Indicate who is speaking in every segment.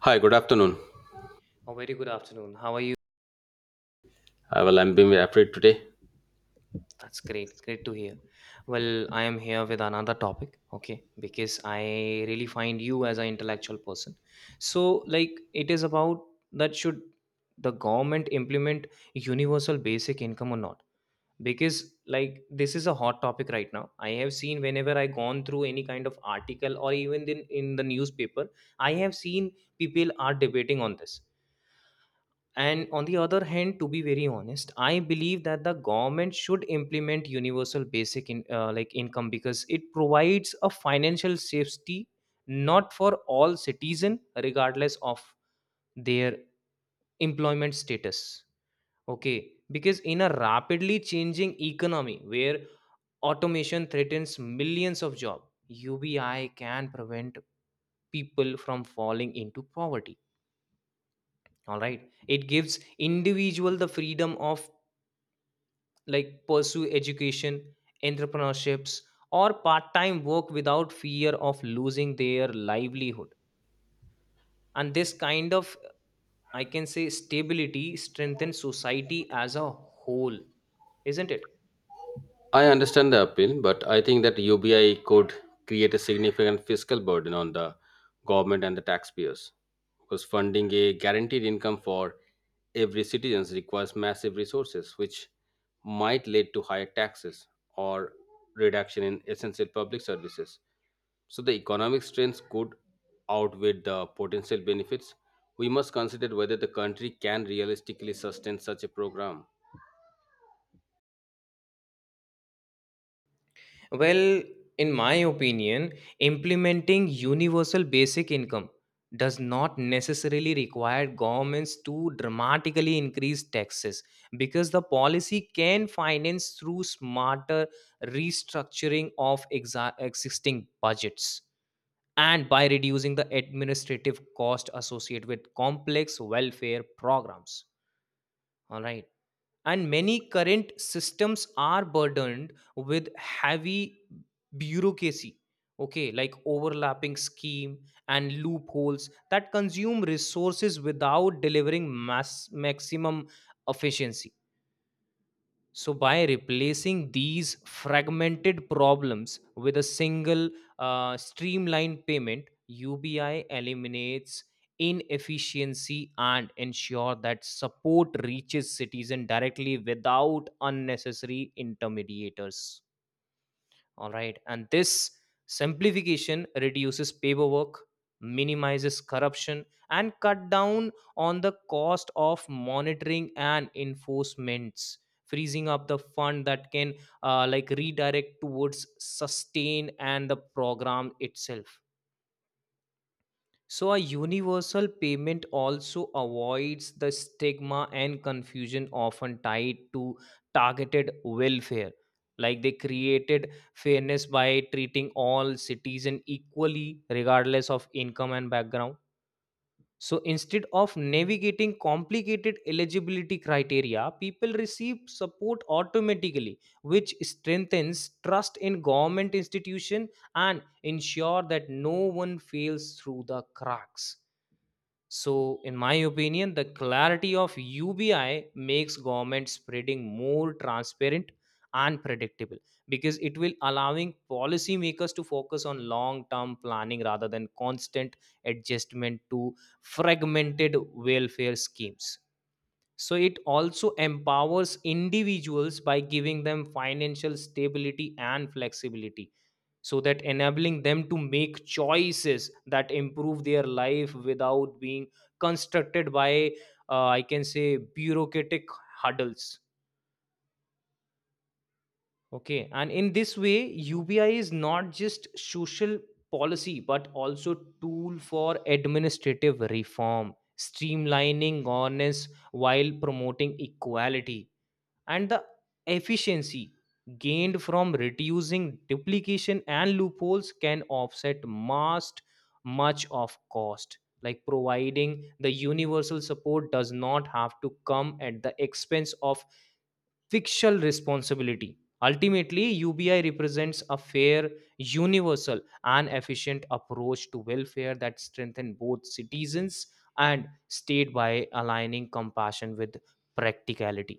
Speaker 1: Hi, good afternoon.
Speaker 2: A very good afternoon. How are you?
Speaker 1: Well, I'm being afraid today.
Speaker 2: That's great. Great to hear. Well, I am here with another topic, okay? Because I really find you as an intellectual person. So, like, it is about that should the government implement universal basic income or not? Because, like, this is a hot topic right now. I have seen whenever I gone through any kind of article or even in the newspaper, I have seen people are debating on this. And on the other hand, to be very honest, I believe that the government should implement universal basic in, like income because it provides a financial safety not for all citizen regardless of their employment status. Okay, because in a rapidly changing economy where automation threatens millions of job, UBI can prevent people from falling into poverty. All right, it gives individual the freedom of like pursue education, entrepreneurships, or part-time work without fear of losing their livelihood, and this kind of, I can say, stability strengthens society as a whole, isn't it?
Speaker 1: I understand the appeal, but I think that UBI could create a significant fiscal burden on the government and the taxpayers because funding a guaranteed income for every citizen requires massive resources, which might lead to higher taxes or reduction in essential public services. So the economic strains could outweigh the potential benefits. We must consider whether the country can realistically sustain such a program.
Speaker 2: Well, in my opinion, implementing universal basic income does not necessarily require governments to dramatically increase taxes because the policy can finance through smarter restructuring of existing budgets and by reducing the administrative cost associated with complex welfare programs. All right, and many current systems are burdened with heavy bureaucracy, okay, like overlapping scheme and loopholes that consume resources without delivering mass maximum efficiency. So, by replacing these fragmented problems with a single streamlined payment, UBI eliminates inefficiency and ensure that support reaches citizen directly without unnecessary intermediators. All right. And this simplification reduces paperwork, minimizes corruption, and cut down on the cost of monitoring and enforcements, freezing up the fund that can like redirect towards sustain and the program itself. So, a universal payment also avoids the stigma and confusion often tied to targeted welfare. Like they created fairness by treating all citizens equally, regardless of income and background. So, instead of navigating complicated eligibility criteria, people receive support automatically, which strengthens trust in government institution and ensure that no one fails through the cracks. So, in my opinion, the clarity of UBI makes government spreading more transparent and predictable because it will allowing policymakers to focus on long-term planning rather than constant adjustment to fragmented welfare schemes. So it also empowers individuals by giving them financial stability and flexibility so that enabling them to make choices that improve their life without being constructed by, I can say, bureaucratic hurdles. Okay, and in this way, UBI is not just social policy but also tool for administrative reform, streamlining governance while promoting equality. And the efficiency gained from reducing duplication and loopholes can offset most much of cost, like providing the universal support does not have to come at the expense of fictional responsibility. Ultimately, UBI represents a fair, universal, and efficient approach to welfare that strengthen both citizens and state by aligning compassion with practicality.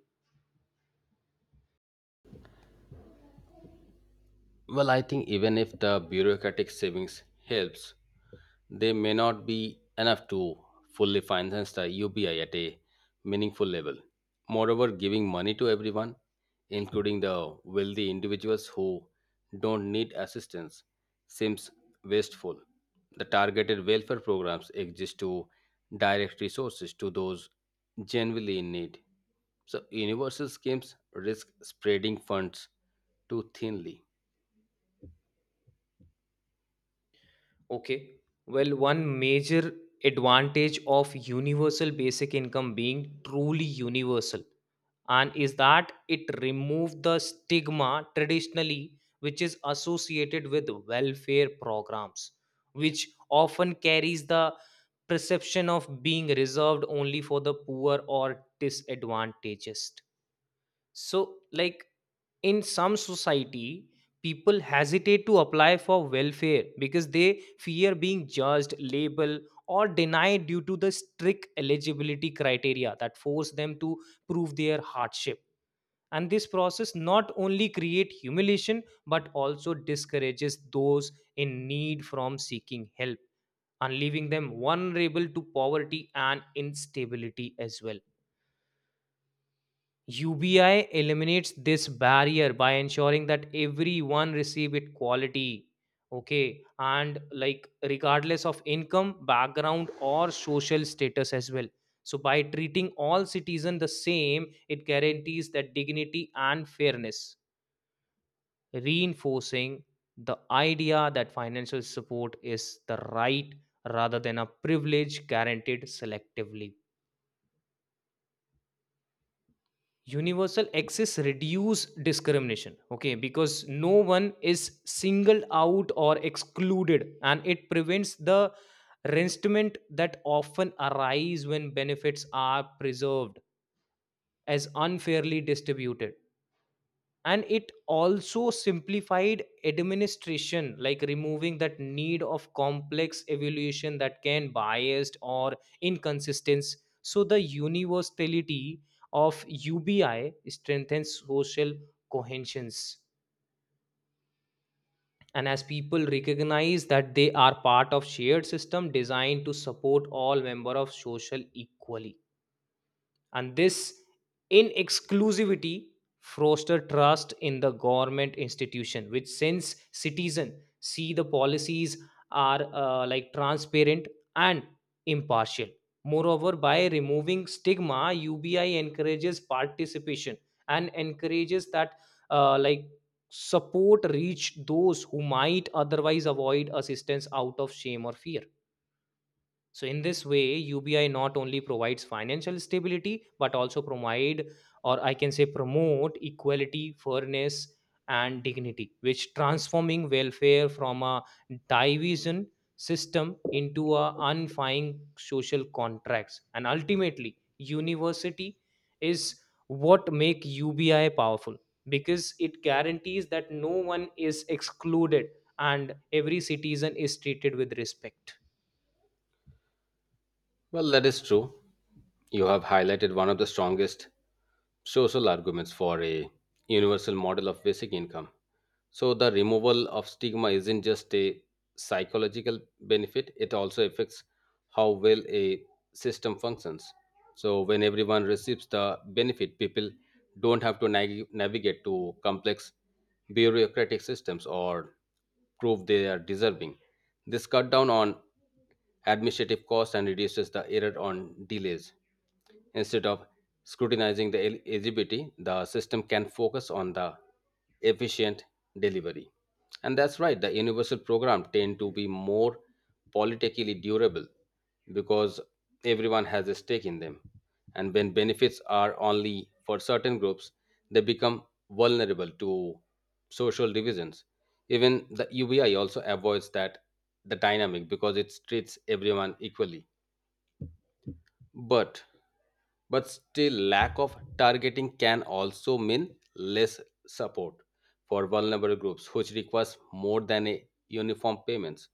Speaker 1: Well, I think even if the bureaucratic savings helps, they may not be enough to fully finance the UBI at a meaningful level. Moreover, giving money to everyone, including the wealthy individuals who don't need assistance, seems wasteful. The targeted welfare programs exist to direct resources to those genuinely in need. So, universal schemes risk spreading funds too thinly.
Speaker 2: Okay. Well, one major advantage of universal basic income being truly universal and is that it removed the stigma traditionally which is associated with welfare programs, which often carries the perception of being reserved only for the poor or disadvantaged. So, like, in some society, people hesitate to apply for welfare because they fear being judged, labeled, or denied due to the strict eligibility criteria that force them to prove their hardship. And this process not only create humiliation but also discourages those in need from seeking help and leaving them vulnerable to poverty and instability as well. UBI eliminates this barrier by ensuring that everyone receive it quality, okay, and like regardless of income background or social status as well. So by treating all citizens the same, it guarantees that dignity and fairness, reinforcing the idea that financial support is the right rather than a privilege guaranteed selectively. Universal access reduce discrimination, okay, because no one is singled out or excluded, and it prevents the resentment that often arise when benefits are preserved as unfairly distributed. And it also simplified administration, like removing that need of complex evaluation that can biased or inconsistent. So the universality of UBI strengthens social cohesions, and as people recognize that they are part of shared system designed to support all member of social equally. And this inexclusivity foster trust in the government institution, which since citizen see the policies are like transparent and impartial. Moreover, by removing stigma, UBI encourages participation and encourages that, like, support reach those who might otherwise avoid assistance out of shame or fear. So in this way, UBI not only provides financial stability but also provide, or I can say promote, equality, fairness, and dignity, which transforming welfare from a division system into a unifying social contracts. And ultimately, university is what make UBI powerful because it guarantees that no one is excluded and every citizen is treated with respect.
Speaker 1: Well, that is true. You have highlighted one of the strongest social arguments for a universal model of basic income. So the removal of stigma isn't just a psychological benefit, it also affects how well a system functions. So when everyone receives the benefit, people don't have to navigate to complex bureaucratic systems or prove they are deserving. This cut down on administrative costs and reduces the error on delays. Instead of scrutinizing the eligibility, the system can focus on the efficient delivery. And that's right, the universal program tend to be more politically durable because everyone has a stake in them. And when benefits are only for certain groups, they become vulnerable to social divisions. Even the UBI also avoids that the dynamic because it treats everyone equally. But but still, lack of targeting can also mean less support for vulnerable groups, which requires more than a uniform payments.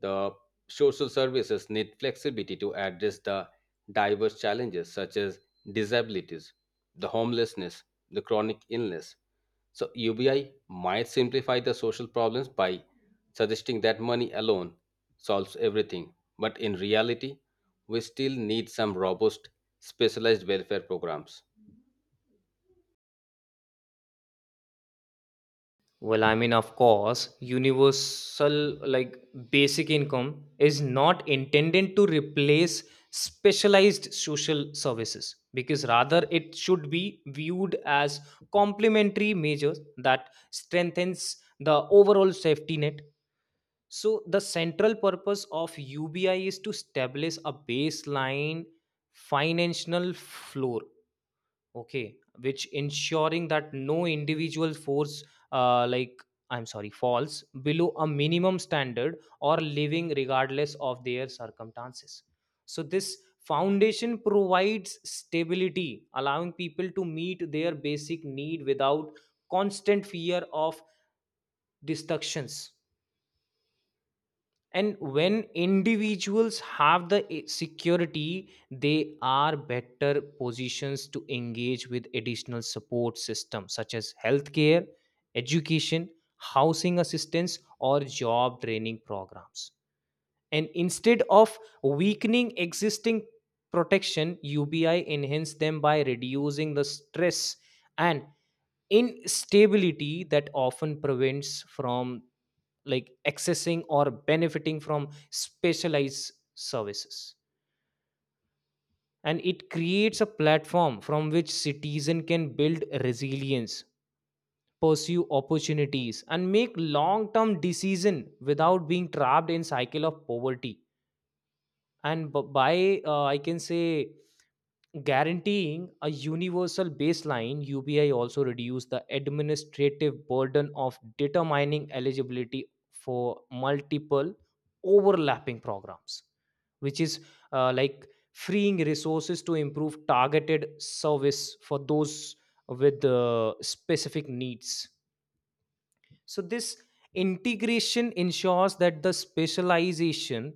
Speaker 1: The social services need flexibility to address the diverse challenges such as disabilities, the homelessness, the chronic illness. So UBI might simplify the social problems by suggesting that money alone solves everything. But in reality, we still need some robust specialized welfare programs.
Speaker 2: Well, I mean, of course, universal, like, basic income, is not intended to replace specialized social services because rather it should be viewed as complementary measures that strengthens the overall safety net. So, the central purpose of UBI is to establish a baseline financial floor. Okay, which ensuring that no individual force, uh, like falls below a minimum standard or living regardless of their circumstances. So this foundation provides stability, allowing people to meet their basic need without constant fear of destructions. And when individuals have the security, they are better positions to engage with additional support systems such as healthcare, education, housing assistance, or job training programs. And instead of weakening existing protection, UBI enhance them by reducing the stress and instability that often prevents from like accessing or benefiting from specialized services. And it creates a platform from which citizen can build resilience, pursue opportunities, and make long term decision without being trapped in cycle of poverty. And b- by I can say, guaranteeing a universal baseline, UBI also reduced the administrative burden of determining eligibility for multiple overlapping programs, which is, like, freeing resources to improve targeted service for those with specific needs. So, this integration ensures that the specialization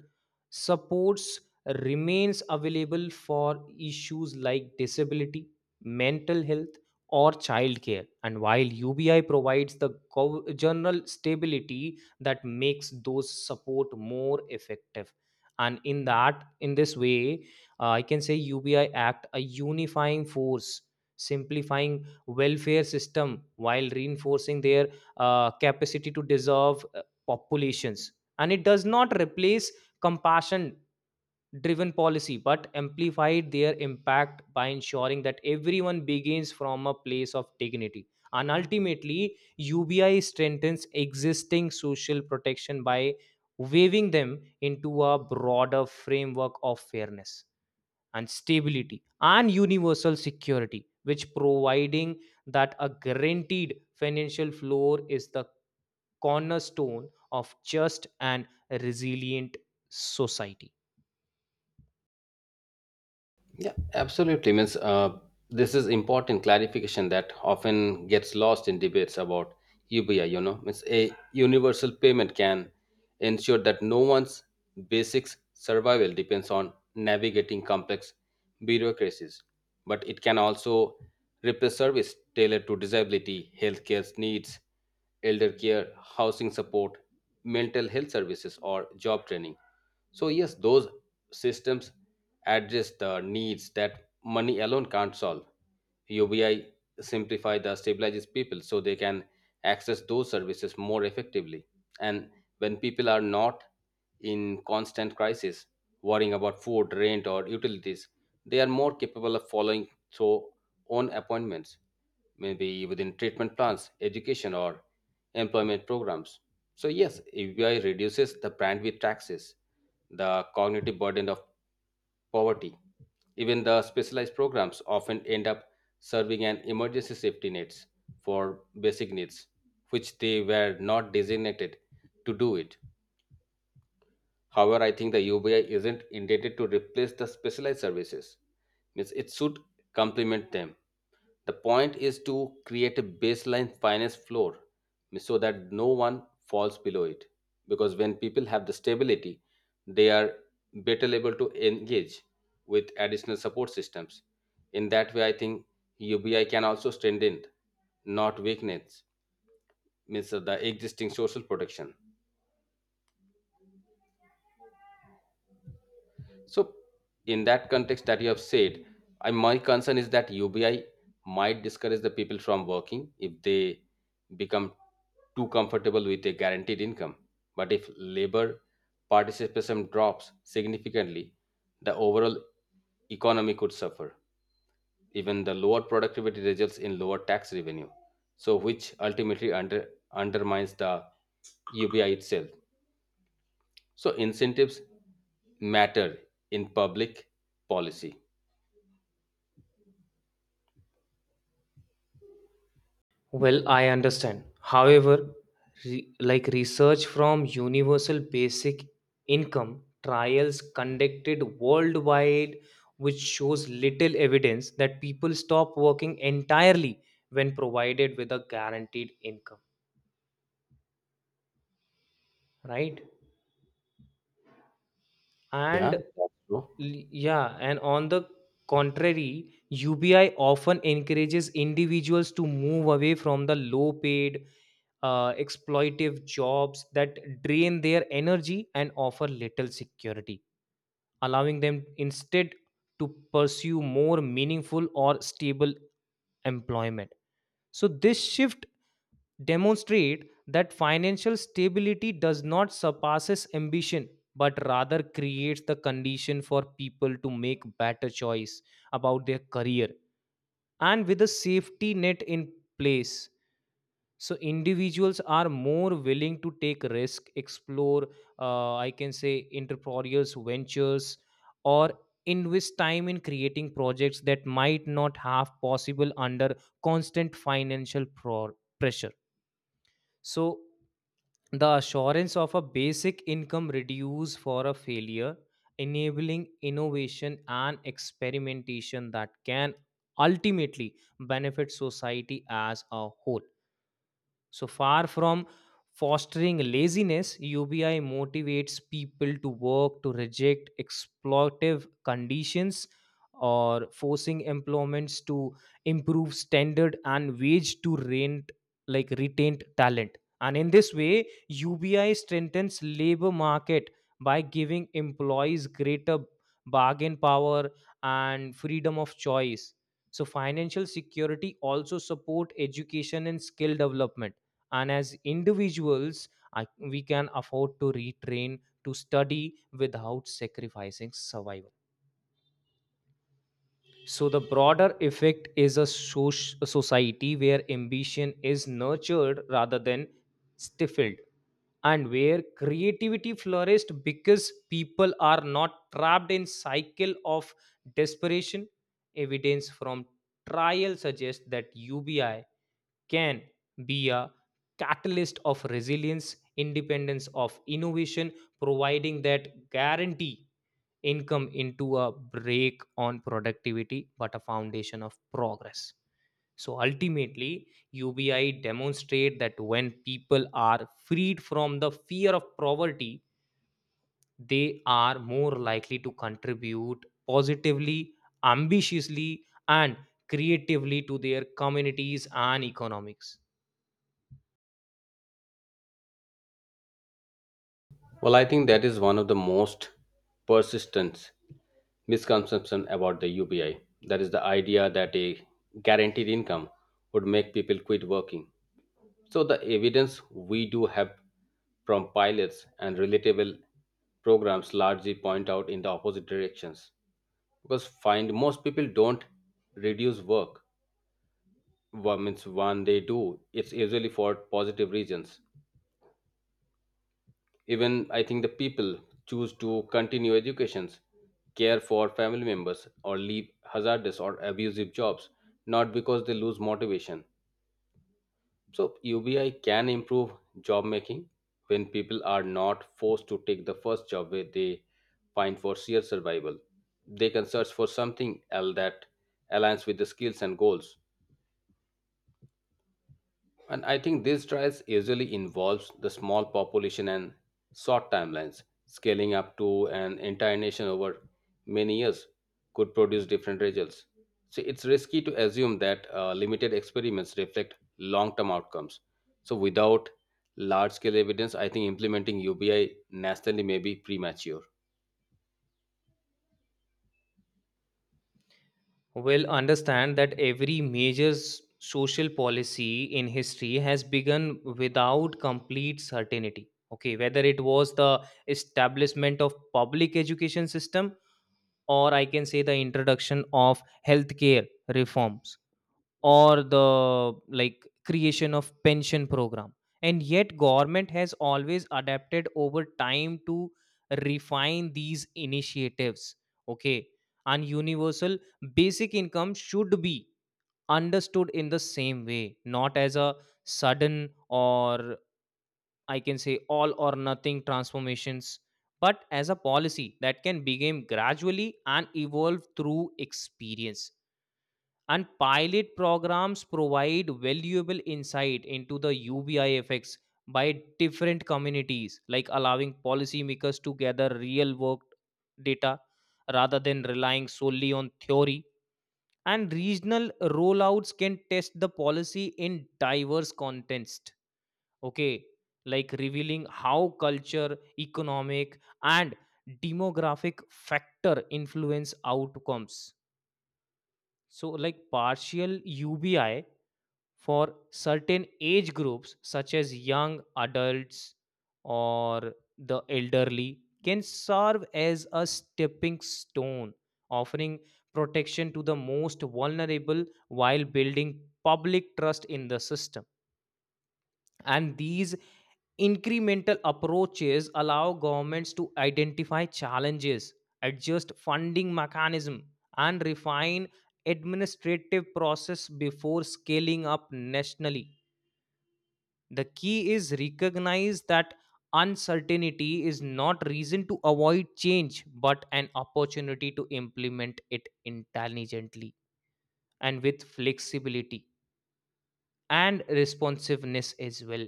Speaker 2: supports remains available for issues like disability, mental health, or childcare. And while UBI provides the general stability that makes those support more effective. And in this way, I can say, UBI act a unifying force, simplifying welfare system while reinforcing their capacity to dissolve populations. And it does not replace compassion driven policy but amplified their impact by ensuring that everyone begins from a place of dignity. And ultimately, UBI strengthens existing social protection by weaving them into a broader framework of fairness and stability and universal security, which providing that a guaranteed financial floor is the cornerstone of just and resilient society.
Speaker 1: Yeah, absolutely. Means this is important clarification that often gets lost in debates about UBI. You know, means a universal payment can ensure that no one's basics survival depends on navigating complex bureaucracies, but it can also replace service tailored to disability, healthcare needs, elder care, housing support, mental health services, or job training. So, yes, those systems address the needs that money alone can't solve. UBI simplify the stabilizes people so they can access those services more effectively. And when people are not in constant crisis, worrying about food, rent, or utilities, they are more capable of following through on appointments, maybe within treatment plans, education, or employment programs. So, yes, UBI reduces the bandwidth taxes the cognitive burden of poverty. Even the specialized programs often end up serving an emergency safety nets for basic needs, which they were not designated to do it. However, I think the UBI isn't intended to replace the specialized services. Means it should complement them. The point is to create a baseline finance floor means so that no one falls below it. Because when people have the stability, they are better able to engage with additional support systems. In that way, I think UBI can also strengthen, not weaken, means the existing social protection. So, in that context that you have said, my concern is that UBI might discourage the people from working if they become too comfortable with a guaranteed income. But if labor participation drops significantly, the overall economy could suffer. Even the lower productivity results in lower tax revenue, so which ultimately undermines the UBI itself. So incentives matter in public policy.
Speaker 2: Well, I understand. However, like research from Universal Basic Income trials conducted worldwide, which shows little evidence that people stop working entirely when provided with a guaranteed income, right?
Speaker 1: Yeah,
Speaker 2: and
Speaker 1: that's true.
Speaker 2: l- yeah, and on the contrary, UBI often encourages individuals to move away from the low paid exploitive jobs that drain their energy and offer little security, allowing them instead to pursue more meaningful or stable employment. So this shift demonstrate that financial stability does not surpasses ambition but rather creates the condition for people to make better choice about their career. And with a safety net in place, so individuals are more willing to take risk, explore, I can say, entrepreneurial ventures, or invest time in creating projects that might not have possible under constant financial pressure. So the assurance of a basic income reduce for a failure, enabling innovation and experimentation that can ultimately benefit society as a whole. So far from fostering laziness, UBI motivates people to work to reject exploitative conditions or forcing employments to improve standard and wage to rent, like retained talent. And in this way, UBI strengthens labor market by giving employees greater bargain power and freedom of choice. So financial security also support education and skill development, and as individuals we can afford to retrain to study without sacrificing survival. So the broader effect is a a society where ambition is nurtured rather than stifled and where creativity flourished because people are not trapped in cycle of desperation. Evidence from trial suggests that UBI can be a catalyst of resilience, independence, of innovation, providing that guarantee income into a break on productivity but a foundation of progress. So ultimately, UBI demonstrate that when people are freed from the fear of poverty, they are more likely to contribute positively, ambitiously, and creatively to their communities and economics.
Speaker 1: Well, I think that is one of the most persistent misconception about the UBI. That is the idea that a guaranteed income would make people quit working. So the evidence we do have from pilots and relatable programs largely point out in the opposite directions. Because find most people don't reduce work. Well, means when they do, it's usually for positive reasons. Even I think the people choose to continue educations, care for family members, or leave hazardous or abusive jobs, not because they lose motivation. So UBI can improve job making when people are not forced to take the first job where they find for sheer survival. They can search for something else that aligns with the skills and goals. And I think these trials usually involves the small population and short timelines. Scaling up to an entire nation over many years could produce different results. So it's risky to assume that limited experiments reflect long-term outcomes. So without large-scale evidence, I think implementing UBI nationally may be premature.
Speaker 2: Well, understand that every major social policy in history has begun without complete certainty. Okay, whether it was the establishment of public education system, or I can say the introduction of healthcare reforms, or the like creation of pension program. And yet government has always adapted over time to refine these initiatives, okay, and universal basic income should be understood in the same way, not as a sudden or I can say all or nothing transformations, but as a policy that can begin gradually and evolve through experience. And pilot programs provide valuable insight into the UBI effects by different communities, like allowing policymakers to gather real world data rather than relying solely on theory. And regional rollouts can test the policy in diverse context, okay, like revealing how culture, economic, and demographic factor influence outcomes. So, like partial UBI for certain age groups, such as young adults or the elderly, can serve as a stepping stone, offering protection to the most vulnerable while building public trust in the system. And these incremental approaches allow governments to identify challenges, adjust funding mechanism, and refine administrative process before scaling up nationally. The key is recognize that uncertainty is not reason to avoid change, but an opportunity to implement it intelligently and with flexibility and responsiveness as well.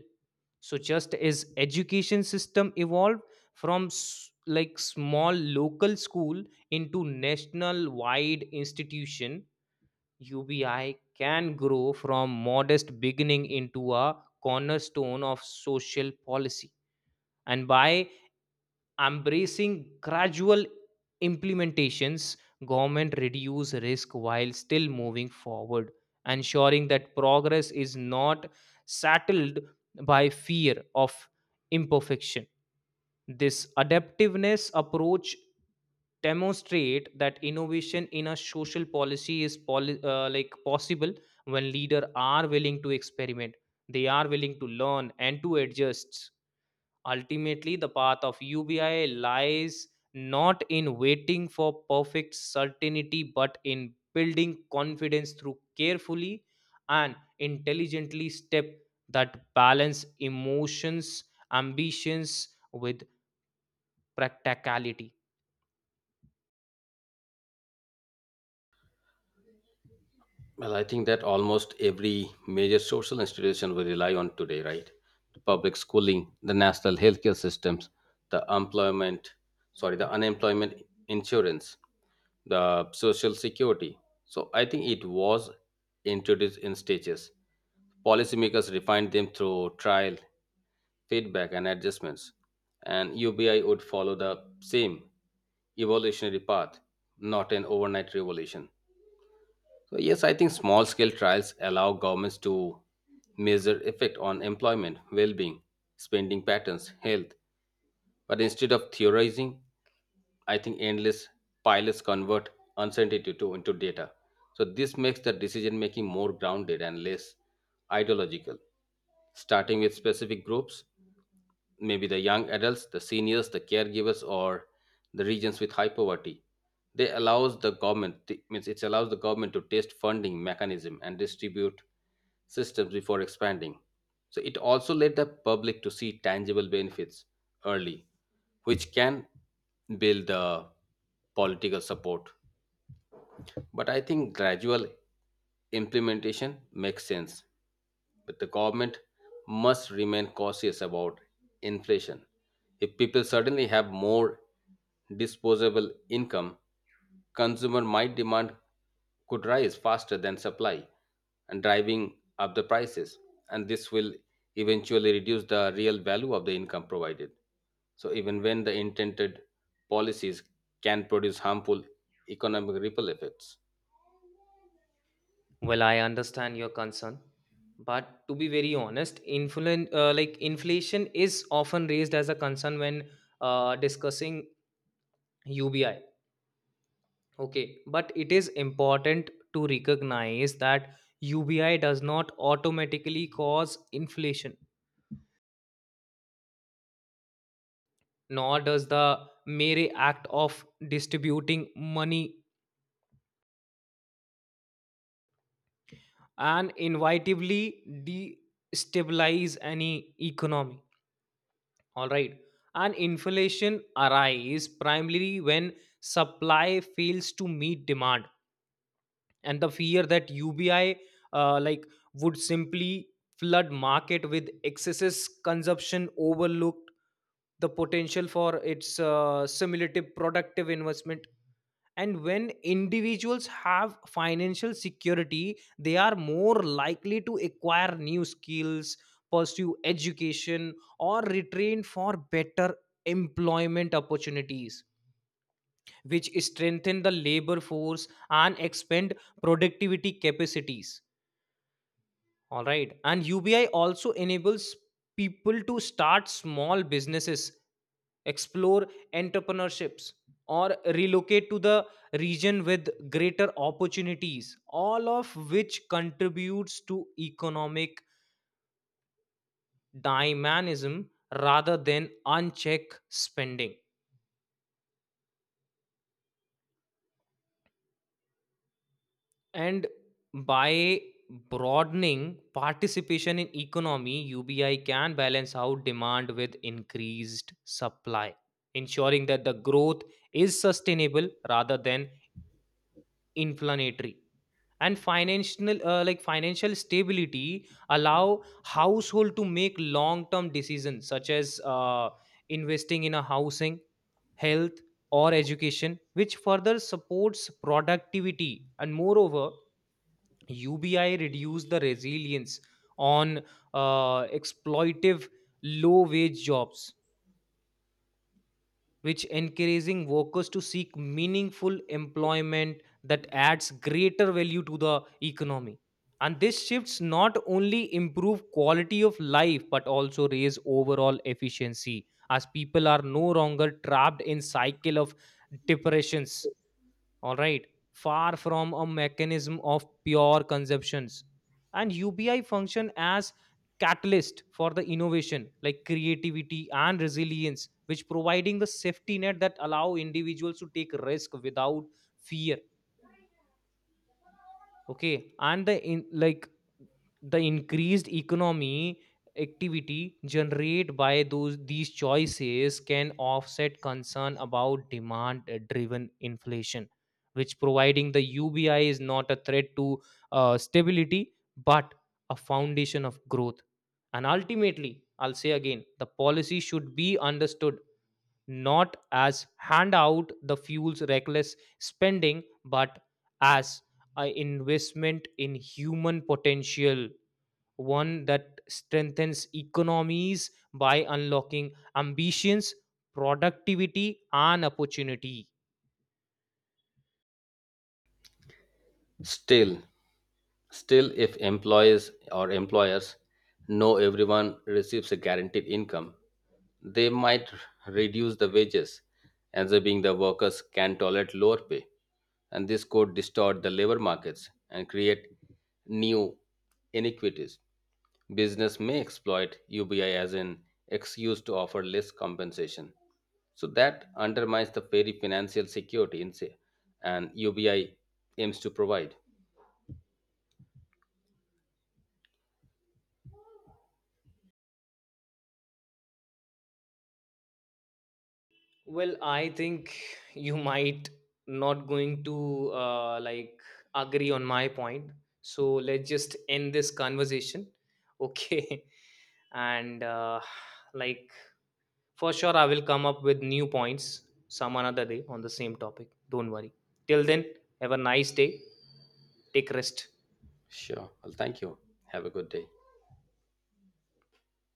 Speaker 2: So just as education system evolved from like small local school into national wide institution, ubi can grow from modest beginning into a cornerstone of social policy. And by embracing gradual implementations, government reduce risk while still moving forward, ensuring that progress is not saddled by fear of imperfection. This adaptiveness approach demonstrate that innovation in a social policy is like possible when leaders are willing to experiment, they are willing to learn and to adjust. Ultimately, the path of UBI lies not in waiting for perfect certainty, but in building confidence through carefully and intelligently step that balance emotions, ambitions with practicality.
Speaker 1: Well, I think that almost every major social institution we rely on today, right? The public schooling, the national healthcare systems, the employment, the unemployment insurance, the social security. So I think it was introduced in stages. Policymakers refined them through trial, feedback, and adjustments. And UBI would follow the same evolutionary path, not an overnight revolution. So yes, I think small scale trials allow governments to measure effect on employment, well-being, spending patterns, health. But instead of theorizing, I think endless pilots convert uncertainty to into data. So this makes the decision making more grounded and less ideological, starting with specific groups maybe the young adults, the seniors, the caregivers, or the regions with high poverty. They allows the government th- means It allows the government to test funding mechanism and distribute systems before expanding. So it also led the public to see tangible benefits early, which can build the political support. But I think gradual implementation makes sense. But the government must remain cautious about inflation. If people suddenly have more disposable income, consumer might demand could rise faster than supply and driving up the prices and this will eventually reduce the real value of the income provided so even when the intended policies can produce harmful economic ripple effects.
Speaker 2: Well, I understand your concern, but to be very honest, like inflation is often raised as a concern when discussing UBI. Okay, but it is important to recognize that UBI does not automatically cause inflation, nor does the mere act of distributing money and inevitably destabilize any economy. All right, and inflation arises primarily when supply fails to meet demand, and the fear that UBI like would simply flood market with excesses consumption overlooked the potential for its simulative productive investment. And when individuals have financial security, they are more likely to acquire new skills, pursue education, or retrain for better employment opportunities, which strengthen the labor force and expand productivity capacities. All right, and ubi also enables people to start small businesses, explore entrepreneurships, or relocate to the region with greater opportunities, all of which contributes to economic dynamism rather than unchecked spending. And by broadening participation in economy, UBI can balance out demand with increased supply, ensuring that the growth is sustainable rather than inflationary. And financial, like financial stability, allow household to make long-term decisions, such as investing in a housing, health, or education, which further supports productivity. And moreover, UBI reduced the resilience on exploitive low wage jobs, which encouraging workers to seek meaningful employment that adds greater value to the economy. And this shifts not only improve quality of life but also raise overall efficiency, as people are no longer trapped in cycle of depressions. All right, far from a mechanism of pure consumptions, and ubi function as catalyst for the innovation like creativity and resilience, which providing the safety net that allow individuals to take risk without fear. Okay, and the in like the increased economy activity generated by those these choices can offset concern about demand driven inflation, which providing the ubi is not a threat to stability but a foundation of growth. And ultimately, I'll say again, the policy should be understood not as hand out the fuel's reckless spending, but as a investment in human potential, one that strengthens economies by unlocking ambitions, productivity, and opportunity.
Speaker 1: Still, still, if employees or employers know everyone receives a guaranteed income, they might reduce the wages, assuming the workers can tolerate lower pay. And this could distort the labor markets and create new inequities. Business may exploit UBI as an excuse to offer less compensation. So that undermines the very financial security in say, and UBI aims to provide.
Speaker 2: Well, I think you might not going to like agree on my point, so let's just end this conversation, okay. And like for sure, I will come up with new points some another day on the same topic. Don't worry. Till then, have a nice day. Take rest.
Speaker 1: Sure. Well, thank you. Have a good day.